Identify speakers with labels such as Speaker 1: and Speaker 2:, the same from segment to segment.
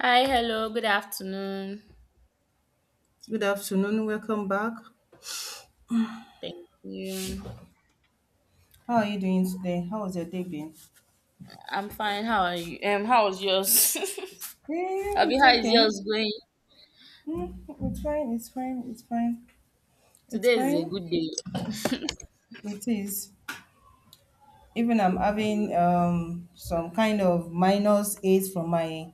Speaker 1: Hi, hello, good afternoon.
Speaker 2: Good afternoon. Welcome back.
Speaker 1: Thank you.
Speaker 2: How are you doing today? How was your day been?
Speaker 1: I'm fine. How are you? How was yours? Abi,
Speaker 2: It's
Speaker 1: how is yours
Speaker 2: okay.
Speaker 1: going?
Speaker 2: Mm, it's fine. It's fine. It's fine. It's
Speaker 1: Today is a
Speaker 2: fine.
Speaker 1: good day.
Speaker 2: It is. Even I'm having some kind of minus eight from my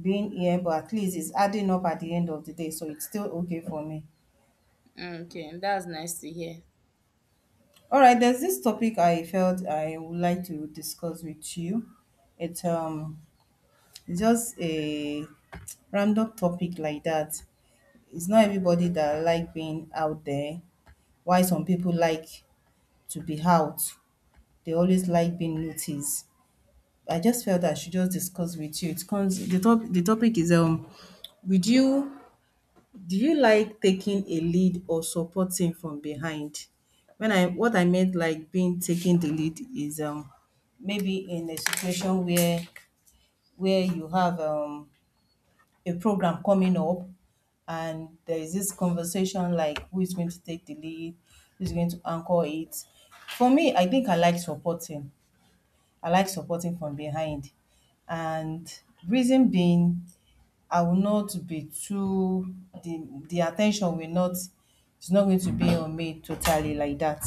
Speaker 2: being here, but at least it's adding up at the end of the day, so it's still okay for me.
Speaker 1: Okay, that's nice to hear.
Speaker 2: All right. There's this topic I felt I would like to discuss with you. It's just a random topic like that. It's not everybody that like being out there. Why some people like to be out. They always like being noticed. I just felt I should just discuss with you. It comes the topic is would you do you like taking a lead or supporting from behind? When I what I meant like being taking the lead is maybe in a situation where you have a program coming up, and there is this conversation like who is going to take the lead, who's going to anchor it. For me, I think I like supporting. I like supporting from behind. And reason being, I will not be too the the attention will not, it's not going to be on me totally like that.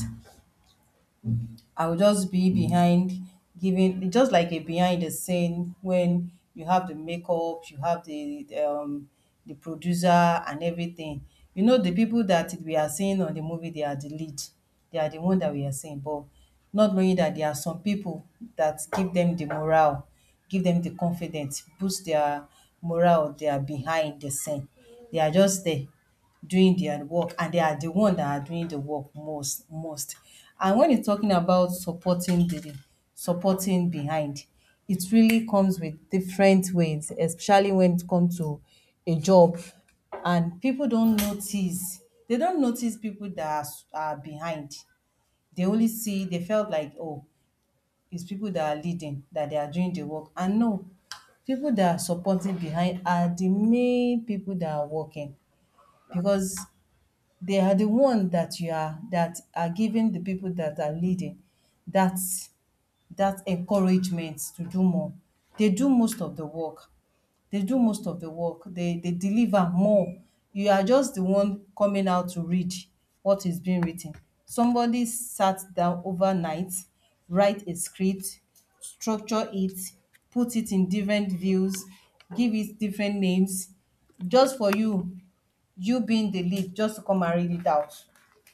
Speaker 2: I will just be behind, giving just like a behind the scene when you have the makeup, you have the the producer and everything. You know the people that we are seeing on the movie, they are the lead. They are the one that we are seeing, but not knowing that there are some people that give them the morale, give them the confidence, boost their morale. They are behind the scene. They are just there doing their work, and they are the one that are doing the work most. Most. And when you're talking about supporting behind, it really comes with different ways, especially when it comes to a job. And people don't notice. They don't notice people that are, are behind. They only see. They felt like, oh, it's people that are leading, that they are doing the work. And no, people that are supporting behind are the main people that are working, because they are the one that are giving the people that are leading that that encouragement to do more. They do most of the work. They do most of the work. They deliver more. You are just the one coming out to read what is being written. Somebody sat down overnight, write a script, structure it, put it in different views, give it different names just for you, you being the lead just to come and read it out.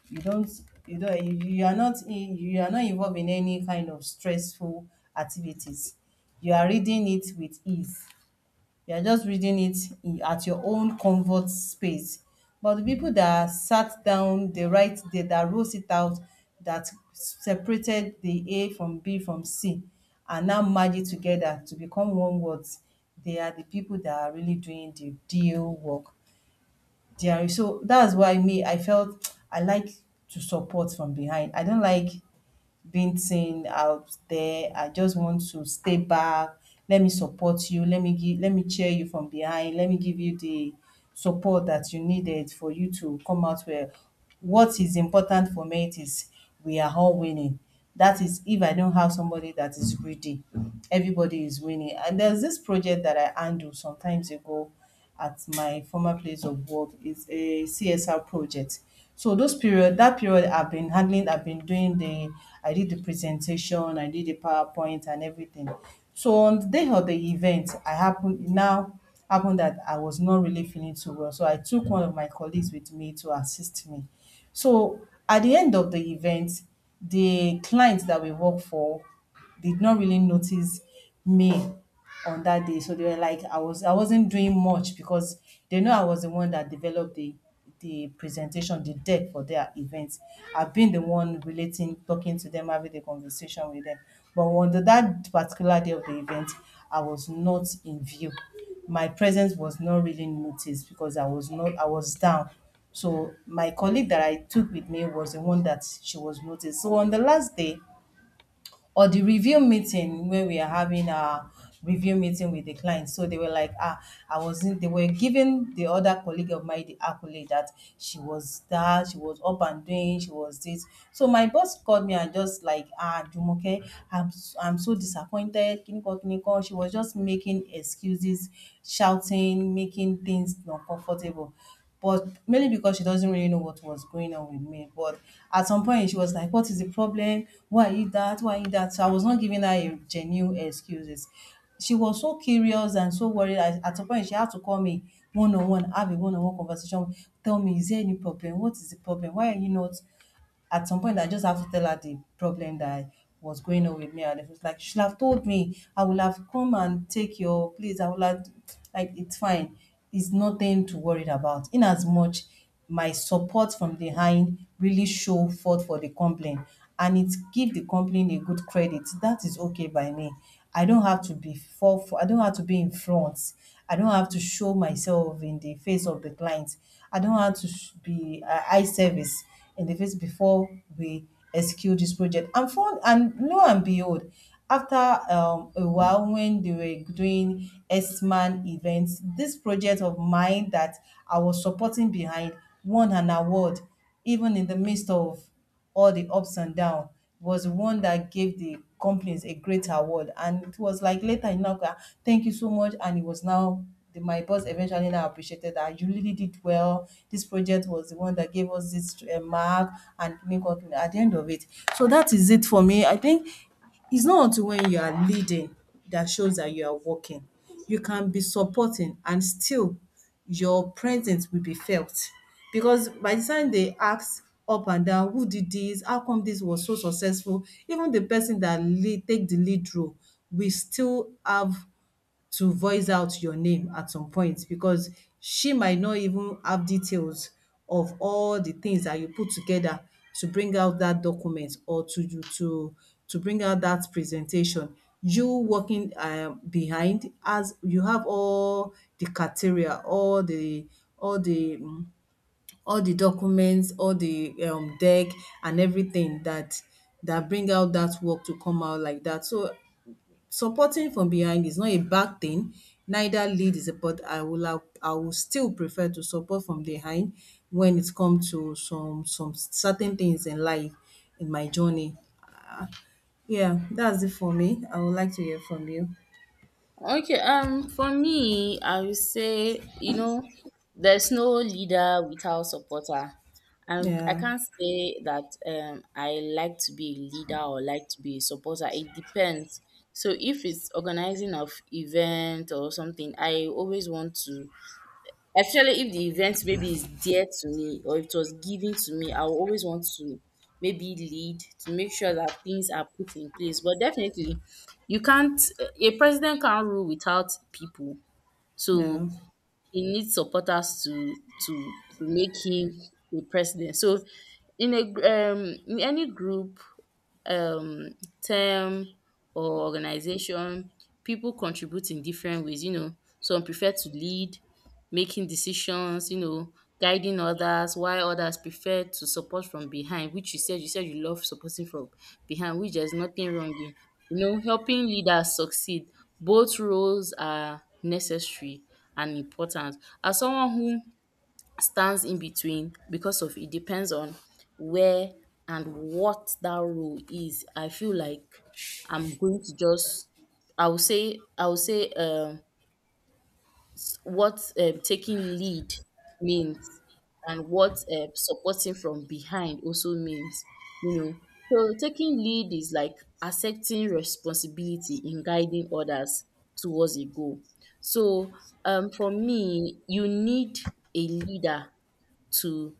Speaker 2: You don't you are not in, you are not involved in any kind of stressful activities. You are reading it with ease. You are just reading it at your own comfort space. But the people that sat down, that wrote it out, that separated the A from B from C, and now merge it together to become one words. They are the people that are really doing the deal work. Jerry. So that's why me, I felt I like to support from behind. I don't like being seen out there. I just want to stay back. Let me support you. Let me cheer you from behind. Let me give you the support that you needed for you to come out well. What is important for me, it is we are all winning. That is if I don't have somebody that is greedy. Everybody is winning. And there's this project that I handle sometimes ago at my former place of work. It's a CSR project. So those period, that period I've been handling, I did the presentation, I did the PowerPoint and everything. So on the day of the event, I happened now happened that I was not really feeling too well. So I took one of my colleagues with me to assist me. So at the end of the event, the clients that we work for did not really notice me on that day. So they were like, I wasn't doing much because they know I was the one that developed the presentation, the deck for their events. I've been the one relating, talking to them, having the conversation with them. But on that particular day of the event, I was not in view. My presence was not really noticed because I was not I was down. So my colleague that I took with me was the one that she was noticed. So on the last day or the review meeting where we are having a review meeting with the client, so they were like, ah, I wasn't. They were giving the other colleague of mine the accolade that she was up and doing, she was this. So my boss called me and just like, ah, Jumoke, I'm so disappointed. Kiniko, kiniko. She was just making excuses, shouting, making things not comfortable, but mainly because she doesn't really know what was going on with me. But at some point, she was like, what is the problem? Why are you that? Why are you that? So I was not giving her a genuine excuses. She was so curious and so worried. At some point, she had to call me one on one, have a one on one conversation. Tell me, is there any problem? What is the problem? Why are you not? At some point I just have to tell her the problem that was going on with me, and it was like, you should have told me, I would have come and take your place, I would have, like it's fine, it's nothing to worry about. In as much my support from behind really show forth for the complaint, and it give the complaint a good credit, that is okay by me. I don't have to be I don't have to be in front. I don't have to show myself in the face of the client. I don't have to be eye service in the face before we execute this project. And fun and lo and behold, after a while when they were doing S-Man events, this project of mine that I was supporting behind won an award even in the midst of all the ups and down, was one that gave the companies a great award. And it was like later, you know, ah, thank you so much. And it was now my boss eventually now appreciated that you really did well. This project was the one that gave us this mark and make up at the end of it. So that is it for me. I think it's not until when you are leading that shows that you are working. You can be supporting and still your presence will be felt. Because by the time they ask up and down, who did this? How come this was so successful? Even the person that lead take the lead role will still have to voice out your name at some point, because she might not even have details of all the things that you put together to bring out that document or to you to bring out that presentation. You working behind, as you have all the criteria, all the all the um all the documents, all the deck and everything that bring out that work to come out like that. So supporting from behind is not a bad thing, neither lead is a but I will have I will still prefer to support from behind when it come to some certain things in life, in my journey. Ah, yeah, that's it for me. I would like to hear from you.
Speaker 1: Okay, for me, I would say, you know, there's no leader without supporter. And I
Speaker 2: Yeah,
Speaker 1: can't say that I like to be a leader or like to be a supporter. It depends. So if it's organizing of event or something, I always want to. Especially if the event maybe is dear to me or if it was given to me, I will always want to maybe lead to make sure that things are put in place. But definitely, you can't, a president can't rule without people.
Speaker 2: yeah.
Speaker 1: So he needs supporters to to make him a president. So in in any group, um term or organization, people contribute in different ways. You know, some prefer to lead, making decisions, you know, guiding others, while others prefer to support from behind, which you said you love supporting from behind, which there's nothing wrong in. You know, helping leaders succeed. Both roles are necessary and important. As someone who stands in between, because of it depends on where and what that role is, I feel like I'm going to just I would say what taking lead means, and what supporting from behind also means, you know. So taking lead is like accepting responsibility in guiding others towards a goal. So for me, you need a leader to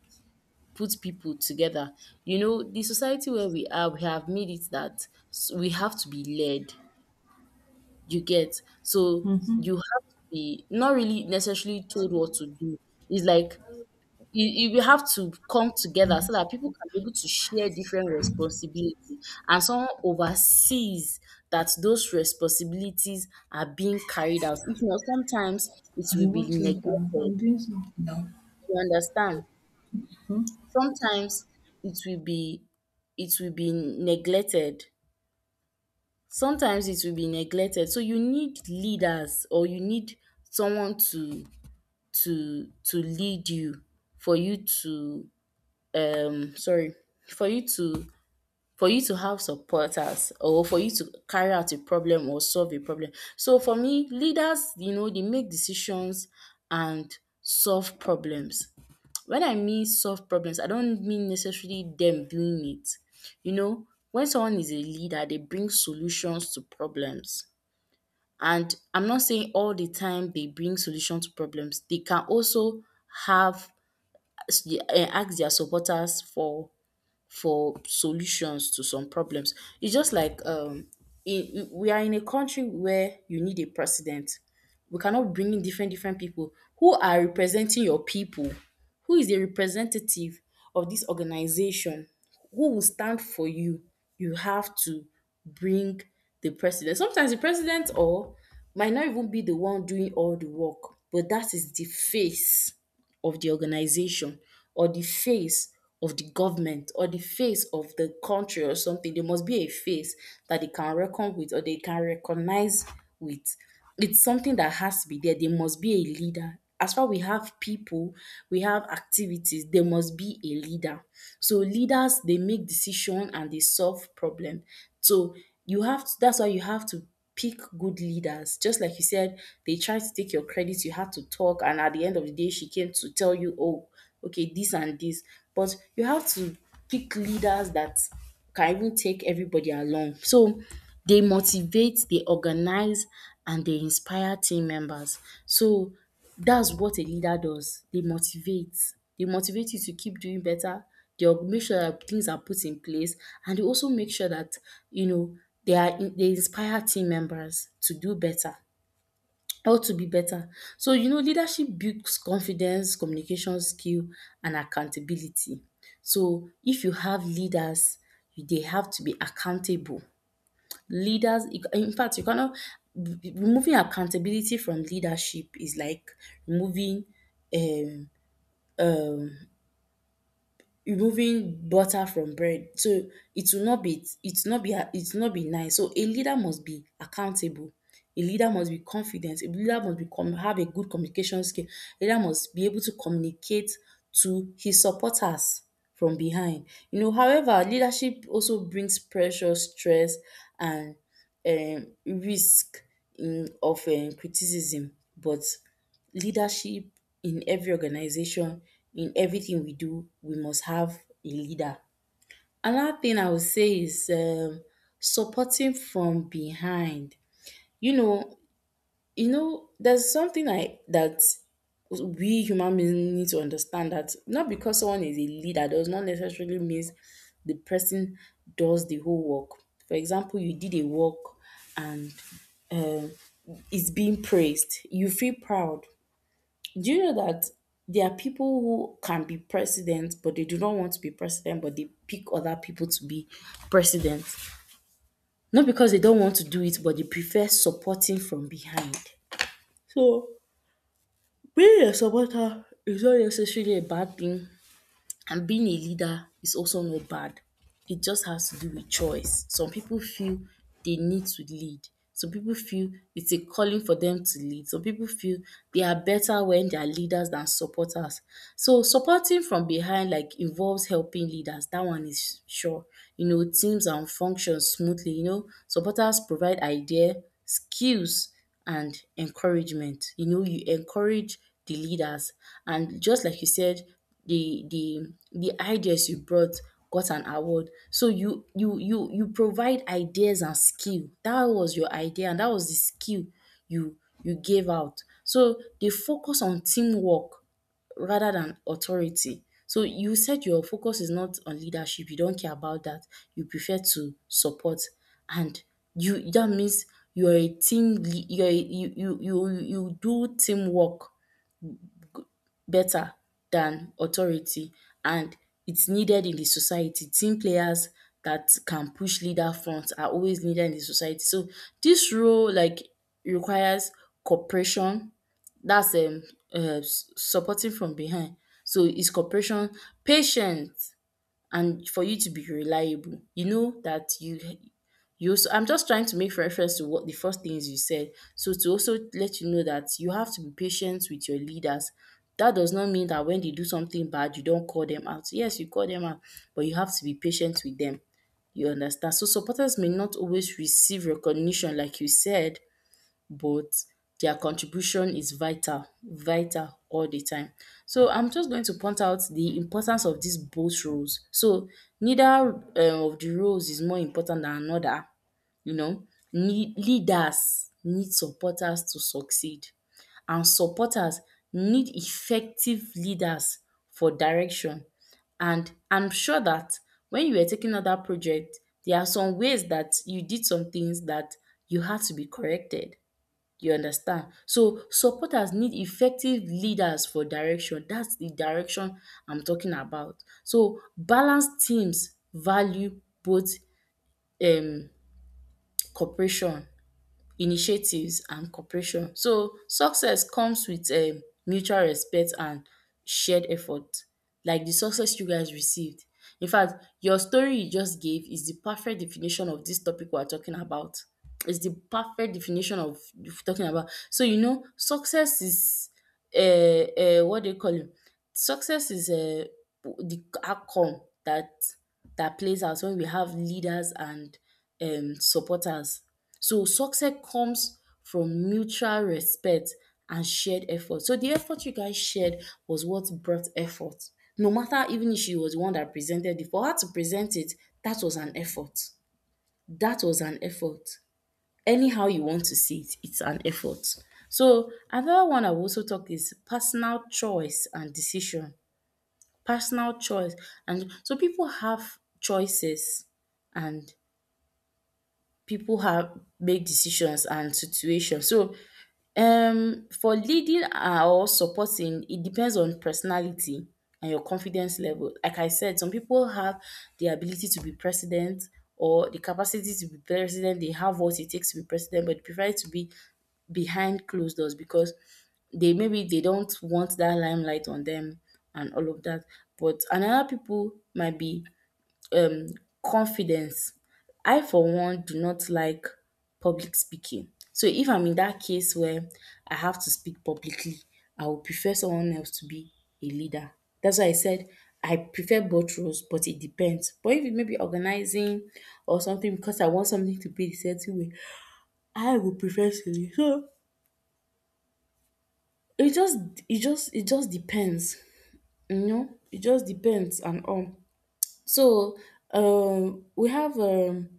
Speaker 1: put people together. You know, the society where we are, we have made it that we have to be led. You get? So you have to be not really necessarily told what to do. It's like you have to come together so that people can be able to share different responsibility, and someone oversees that those responsibilities are being carried out. If not, sometimes it
Speaker 2: You
Speaker 1: will be
Speaker 2: watch later.
Speaker 1: neglected.
Speaker 2: I'm doing something now.
Speaker 1: You understand? Sometimes it will be it will be neglected, sometimes it will be neglected. So you need leaders, or you need someone to to lead you, for you to sorry for you to have supporters, or for you to carry out a problem or solve a problem. So for me, leaders, you know, they make decisions and solve problems. When I mean solve problems, I don't mean necessarily them doing it. You know, when someone is a leader, they bring solutions to problems. And I'm not saying all the time they bring solution to problems. They can also have ask their supporters for solutions to some problems. It's just like we are in a country where you need a president. We cannot bring in different people who are representing your people. Who is the representative of this organization? Who will stand for you? You have to bring the president. Sometimes the president, or might not even be the one doing all the work, but that is the face of the organization, or the face of the government, or the face of the country, or something. There must be a face that they can reckon with, or they can recognize with. It's something that has to be there. There must be a leader. As far we have people, we have activities, there must be a leader. So leaders, they make decision and they solve problem. So you have to, that's why you have to pick good leaders. Just like you said, they tried to take your credit, you had to talk, and at the end of the day, she came to tell you, oh, okay, this and this. But you have to pick leaders that can even take everybody along. So they motivate, they organize, and they inspire team members. So that's what a leader does. They motivate. They motivate you to keep doing better. They'll make sure that things are put in place, and they also make sure that, you know, they inspire team members to do better or to be better. So, you know, leadership builds confidence, communication skill, and accountability. So if you have leaders, they have to be accountable leaders. In fact, you cannot, removing accountability from leadership is like removing um um butter from bread. So it will not be, it will not be nice. So a leader must be accountable, a leader must be confident, a leader must be com have a good communication skill. A leader must be able to communicate to his supporters from behind, you know. However, leadership also brings pressure, stress, and risk in of criticism. But leadership, in every organization, in everything we do, we must have a leader. Another thing I would say is supporting from behind. You know, you know, there's something I that we human beings need to understand, that not because someone is a leader does not necessarily means the person does the whole work. For example, you did a work and it's being praised. You feel proud. Do you know that there are people who can be president, but they do not want to be president, but they pick other people to be president? Not because they don't want to do it, but they prefer supporting from behind. So, being a supporter is not necessarily a bad thing. And being a leader is also not bad. It just has to do with choice. Some people feel they need to lead. Some people feel it's a calling for them to lead. Some people feel they are better when they are leaders than supporters. So supporting from behind like involves helping leaders. That one is sure. You know, teams and functions smoothly. You know, supporters provide idea, skills, and encouragement. You know, you encourage the leaders. And just like you said, the ideas you brought got an award. So you provide ideas and skill. That was your idea, and that was the skill you you gave out. So they focus on teamwork rather than authority. So you said your focus is not on leadership, you don't care about that. You prefer to support, and you that means you're a, you do teamwork better than authority. And it's needed in the society. Team players that can push leader front are always needed in the society. So this role like requires cooperation, that's supporting from behind. So it's cooperation, patience, and for you to be reliable. You know that you also, I'm just trying to make reference to what the first things you said. So to also let you know that you have to be patient with your leaders. That does not mean that when they do something bad, you don't call them out. Yes, you call them out, but you have to be patient with them. You understand? So supporters may not always receive recognition, like you said, but their contribution is vital, vital all the time. So I'm just going to point out the importance of these both roles. So neither of the roles is more important than another. You know, leaders need supporters to succeed, and supporters need effective leaders for direction. And I'm sure that when you were taking on that project, there are some ways that you did some things that you had to be corrected. You understand? So supporters need effective leaders for direction. That's the direction I'm talking about. So balanced teams value both um cooperation initiatives and cooperation. So success comes with mutual respect and shared effort, like the success you guys received. In fact, your story you just gave is the perfect definition of this topic we're talking about. It's the perfect definition of talking about. So you know, success is what do you call it? Success is the outcome that that plays out when we have leaders and supporters. So success comes from mutual respect and shared effort. So the effort you guys shared was what brought effort. No matter, even if she was the one that presented it, for her to present it, that was an effort. That was an effort. Anyhow you want to see it, it's an effort. So another one I will also talk is personal choice and decision. Personal choice. And so people have choices, and people have make decisions and situations. So for leading or supporting, it depends on personality and your confidence level. Like I said, some people have the ability to be president, or the capacity to be president. They have what it takes to be president, but they prefer to be behind closed doors because they, maybe they don't want that limelight on them and all of that. But another people might be. Confidence. I for one do not like public speaking. So if I'm in that case where I have to speak publicly, I would prefer someone else to be a leader. That's why I said I prefer both roles, but it depends. But if it may be organizing or something because I want something to be a certain way, I would prefer to lead. So it just it just depends. You know? It just depends and all. So we have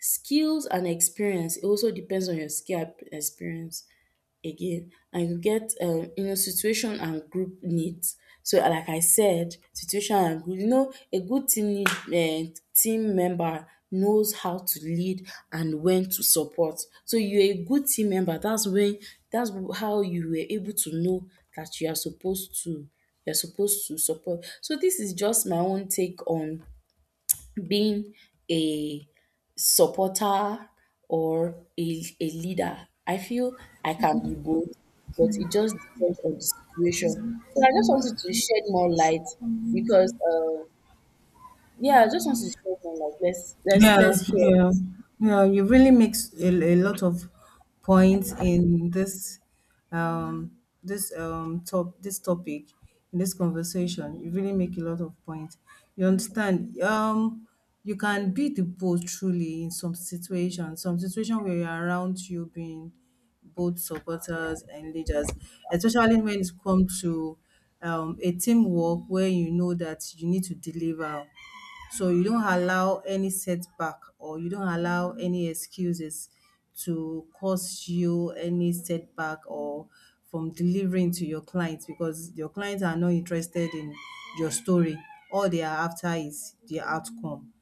Speaker 1: skills and experience. It also depends on your skill and experience again. And you get you know, situation and group needs. So like I said, situation and group, you know, a good team member knows how to lead and when to support. So you're a good team member, that's when that's how you were able to know that you're supposed to support. So this is just my own take on being a supporter or a leader. I feel I can be both, but it just depends on the situation. So I just wanted to shed more light because, yeah, I just wanted to shed more light. Let's let's
Speaker 2: Yeah,
Speaker 1: let's hear.
Speaker 2: yeah, yeah. You really makes a lot of points in um, this topic in this conversation. You really make a lot of points. You understand? You can be the both truly in some situations. Some situation where you're around you being both supporters and leaders, especially when it comes to a teamwork where you know that you need to deliver. So you don't allow any setback or you don't allow any excuses to cause you any setback or from delivering to your clients, because your clients are not interested in your story. All they are after is the outcome.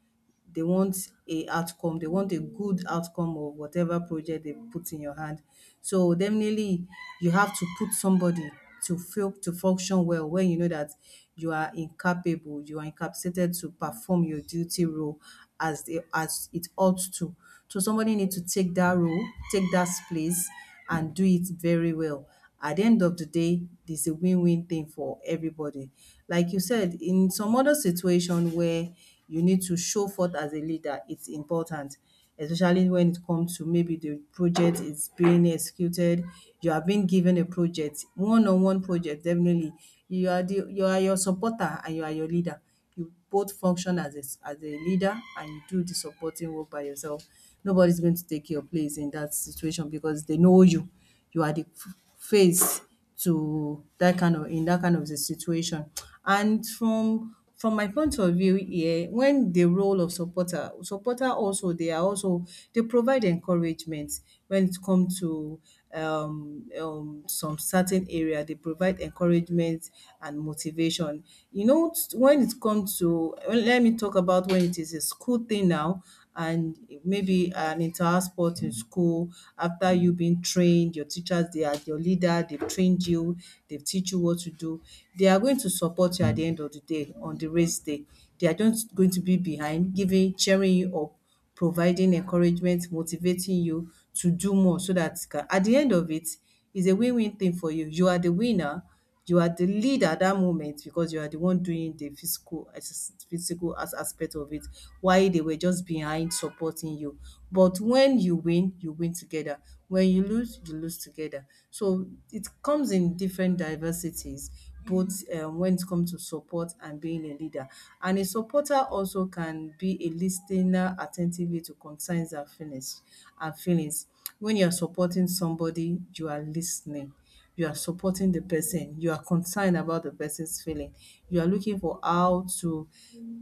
Speaker 2: They want a outcome, they want a good outcome of whatever project they put in your hand. So definitely you have to put somebody to feel to function well when you know that you are incapable, you are incapacitated to perform your duty role as the as it ought to. So somebody need to take that role, take that place and do it very well at the end of the day, it's a win-win thing for everybody. Like you said, in some other situation where you need to show forth as a leader, it's important, especially when it comes to maybe the project is being executed, you have been given a project, one-on-one project, definitely. You are your supporter and you are your leader, you both function as a leader and you do the supporting work by yourself. Nobody's going to take your place in that situation because they know you. You are the face to that kind of in that kind of the situation. And from my point of view here, when the role of supporter, supporter, also they are also, they provide encouragement when it comes to some certain area, they provide encouragement and motivation. You know, when it comes to, well, let me talk about when it is a school thing now, and maybe an entire sport in school. After you been trained, your teachers, they are your leader, they've trained you, they've teach you what to do, they are going to support you at the end of the day. On the race day they are just going to be behind giving, cheering you up, providing encouragement, motivating you to do more so that ca at the end of it, it's a win-win thing for you. You are the winner, you are the lead at that moment because you are the one doing the physical as aspect of it, while they were just behind supporting you. But when you win together. When you lose together. So it comes in different diversities both, when it comes to support and being a leader. And a supporter also can be a listener attentively to concerns and feelings. When you are supporting somebody, you are listening. You are supporting the person. You are concerned about the person's feeling. You are looking for how to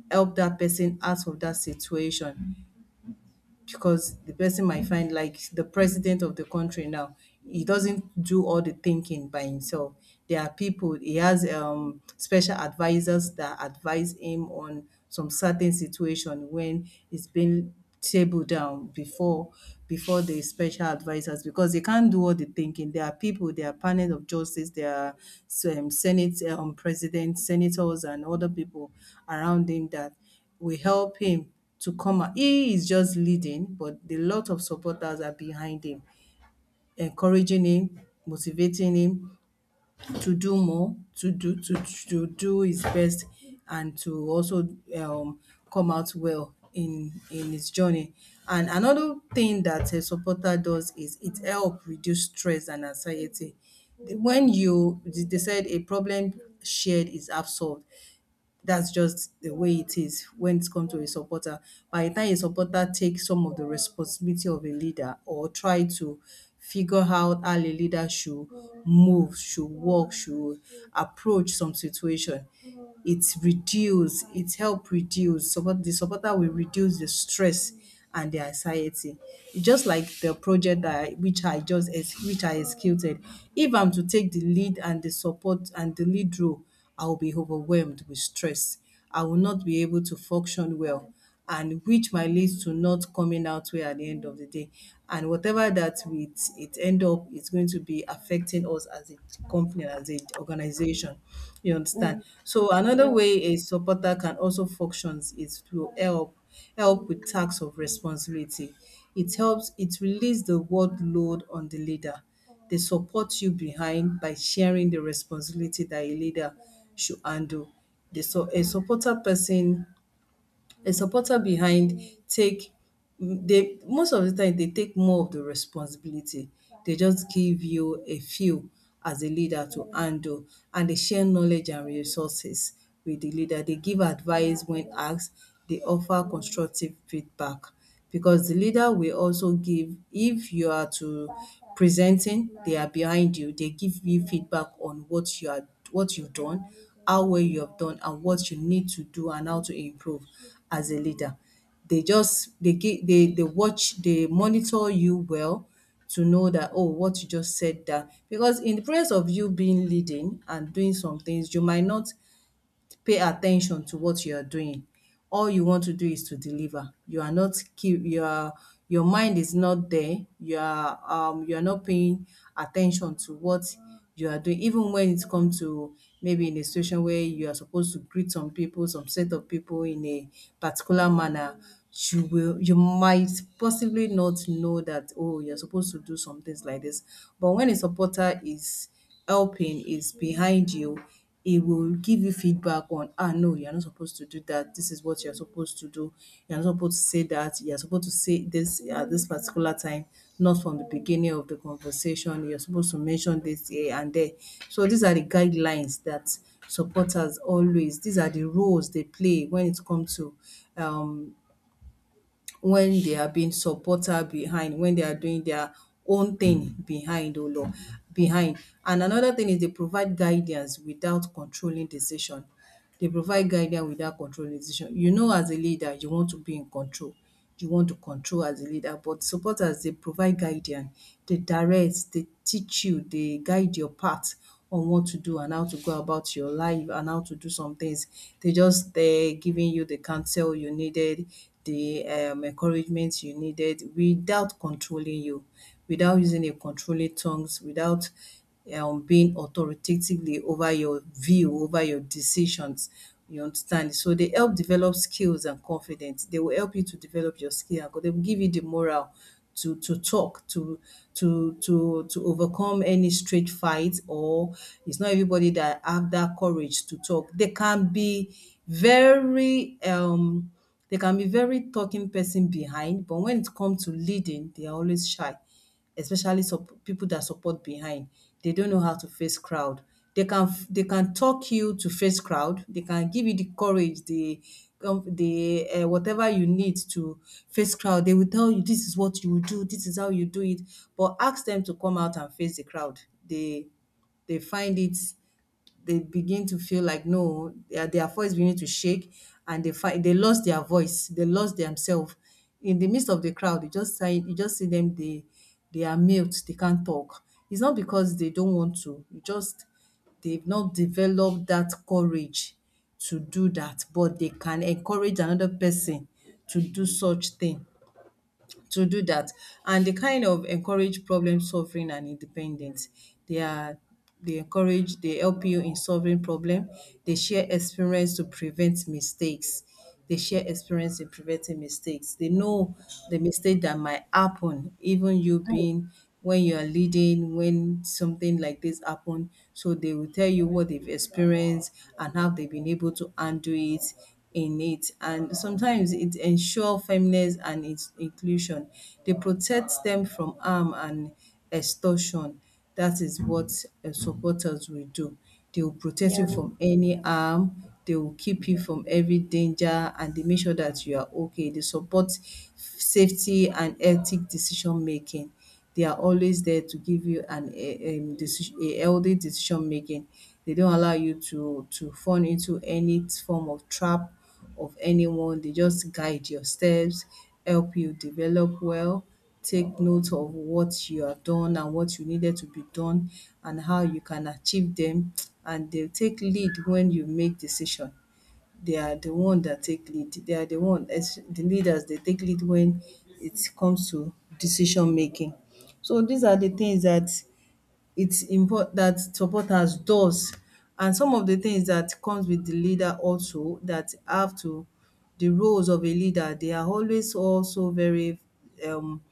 Speaker 2: help that person out of that situation, because the person might find, like the president of the country now, he doesn't do all the thinking by himself. There are people, he has special advisors that advise him on some certain situation when it's been tabled down before the special advisors, because they can't do all the thinking. There are people, there are panel of justice, there are senate, president, senators, and other people around him that will help him to come out. He is just leading, but the lot of supporters are behind him, encouraging him, motivating him to do more, to do his best, and to also um, come out well in his journey. And another thing that a supporter does is it help reduce stress and anxiety. When you, they said a problem shared is half solved, that's just the way it is when it's come to a supporter. By the time a supporter takes some of the responsibility of a leader, or try to figure out how a leader should move, should walk, should approach some situation, it help reduce. Support, the supporter will reduce the stress and the anxiety. It's just like the project that which I executed. If I'm to take the lead and the support and the lead role, I will be overwhelmed with stress. I will not be able to function well, and which might lead to not coming out well at the end of the day. And whatever that it end up, it's going to be affecting us as a company, as a organization. You understand?
Speaker 1: Mm,
Speaker 2: So another
Speaker 1: yeah,
Speaker 2: way a supporter can also function is to help with tasks of responsibility. It helps, it release the workload on the leader, they support you behind by sharing the responsibility that a leader should handle. They, so a supporter person, a supporter behind take, they most of the time they take more of the responsibility. They just give you a few as a leader to handle, and they share knowledge and resources with the leader. They give advice when asked, they offer constructive feedback, because the leader will also give, if you are to presenting, they are behind you, they give you feedback on what you are, what you've done, how well you have done and what you need to do and how to improve as a leader. They give, they watch, they monitor you well to know that, oh, what you just said, that, because in the presence of you being leading and doing some things, you might not pay attention to what you are doing. All you want to do is to deliver. Your mind is not there. You are, you are not paying attention to what you are doing. Even when it comes to maybe in a situation where you are supposed to greet some people, some set of people in a particular manner, you might possibly not know that, oh, you're supposed to do some things like this. But when a supporter is helping, is behind you, it will give you feedback on, ah, no, you're not supposed to do that. This is what you're supposed to do. You're not supposed to say that. You're supposed to say this at this particular time, not from the beginning of the conversation. You're supposed to mention this here and there. So these are the guidelines that supporters always, these are the roles they play when it comes to, um when they are being supporter behind, when they are doing their own thing behind, oh Lord, behind. And another thing is, they provide guidance without controlling decision. They provide guidance without controlling decision. You know, as a leader, you want to be in control. You want to control as a leader, but supporters, they provide guidance, they direct, they teach you, they guide your path on what to do and how to go about your life and how to do some things. They just there giving you the counsel you needed, the encouragement you needed without controlling you, without using a controlling tongues, without being authoritatively over your view, over your decisions. You understand? So they help develop skills and confidence. They will help you to develop your skill and they will give you the morale to talk, to to overcome any street fight, or, it's not everybody that have that courage to talk. They can be very, they can be very talking person behind, but when it comes to leading they are always shy, especially people that support behind. They don't know how to face crowd. They can talk you to face crowd. They can give you the courage, the whatever you need to face crowd. They will tell you this is what you will do. This is how you do it. But ask them to come out and face the crowd. They they find it, they begin to feel like no, their voice begin to shake, and they find, they lost their voice, they lost themselves. In the midst of the crowd, you just see them, they are mute, they can't talk. It's not because they don't want to, you just, they've not developed that courage to do that, but they can encourage another person to do such thing, to do that. And they kind of encourage problem solving and independence. They are, they encourage, they help you in solving problem. They share experience to prevent mistakes. They share experience in preventing mistakes. They know the mistake that might happen, even you being, when you are leading, when something like this happen. So they will tell you what they've experienced and how they've been able to undo it in it, and sometimes it ensure fairness and its inclusion. They protect them from harm and extortion. That is what supporters will do. They will protect
Speaker 1: yeah.
Speaker 2: you from any harm, they will keep you from every danger, and they make sure that you are okay. They support safety and ethic decision making. They are always there to give you an a, decision, a healthy decision making. They don't allow you to fall into any form of trap of anyone. They just guide your steps, help you develop well, take note of what you have done and what you needed to be done and how you can achieve them, and they'll take lead when you make decision, they are the one that take lead. They are the one, as the leaders, they take lead when it comes to decision making. So these are the things that it's important that supporters does. And some of the things that comes with the leader also that have to, the roles of a leader, they are always also very, um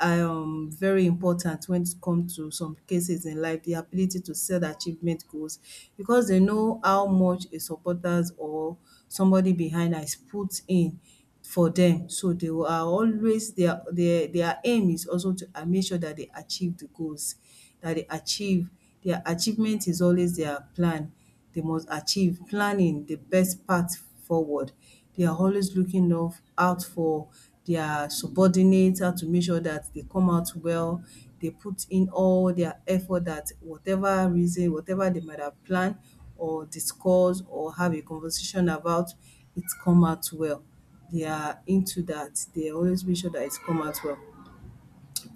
Speaker 2: very important when it comes to some cases in life, the ability to set achievement goals, because they know how much a supporters or somebody behind has put in for them. So they are always their, their aim is also to make sure that they achieve the goals, that they achieve. Their achievement is always their plan. They must achieve. Planning the best path forward. They are always looking of out for their subordinates, how to make sure that they come out well. They put in all their effort that whatever reason, whatever they might have planned or discuss or have a conversation about, it come out well. They are into that. They always make sure that it's come out well.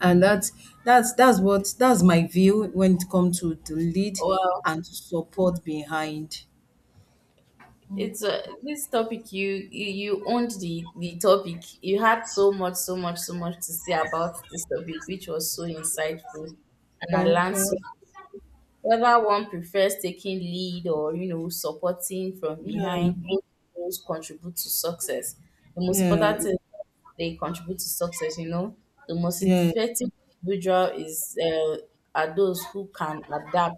Speaker 2: And that's my view when it comes to the lead
Speaker 1: Well,
Speaker 2: and support behind.
Speaker 1: it's this topic, you, you owned the topic. You had so much, so much, so much to say about this topic, which was so insightful, and I
Speaker 2: Thank
Speaker 1: learned so.
Speaker 2: you.
Speaker 1: Whether one prefers taking lead or, you know, supporting from behind,
Speaker 2: Yeah,
Speaker 1: both roles contribute to success. The most
Speaker 2: yeah,
Speaker 1: important
Speaker 2: it's-
Speaker 1: thing, they contribute to success, you know. The most
Speaker 2: yeah,
Speaker 1: effective individual is are those who can adapt,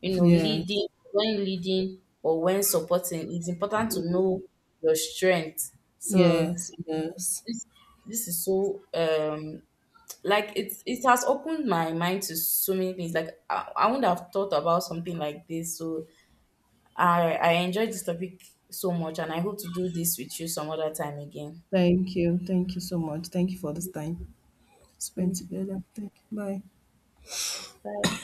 Speaker 1: you know,
Speaker 2: yes,
Speaker 1: leading when leading or when supporting. It's important to know your strength. So
Speaker 2: yes, yes.
Speaker 1: this this is so like it's, it has opened my mind to so many things. Like I wouldn't have thought about something like this. So I enjoyed this topic so much, and I hope to do this with you some other time again.
Speaker 2: Thank you. Thank you so much. Thank you for this time spent
Speaker 1: Thank you.
Speaker 2: together. Thank you. Bye.
Speaker 1: Bye.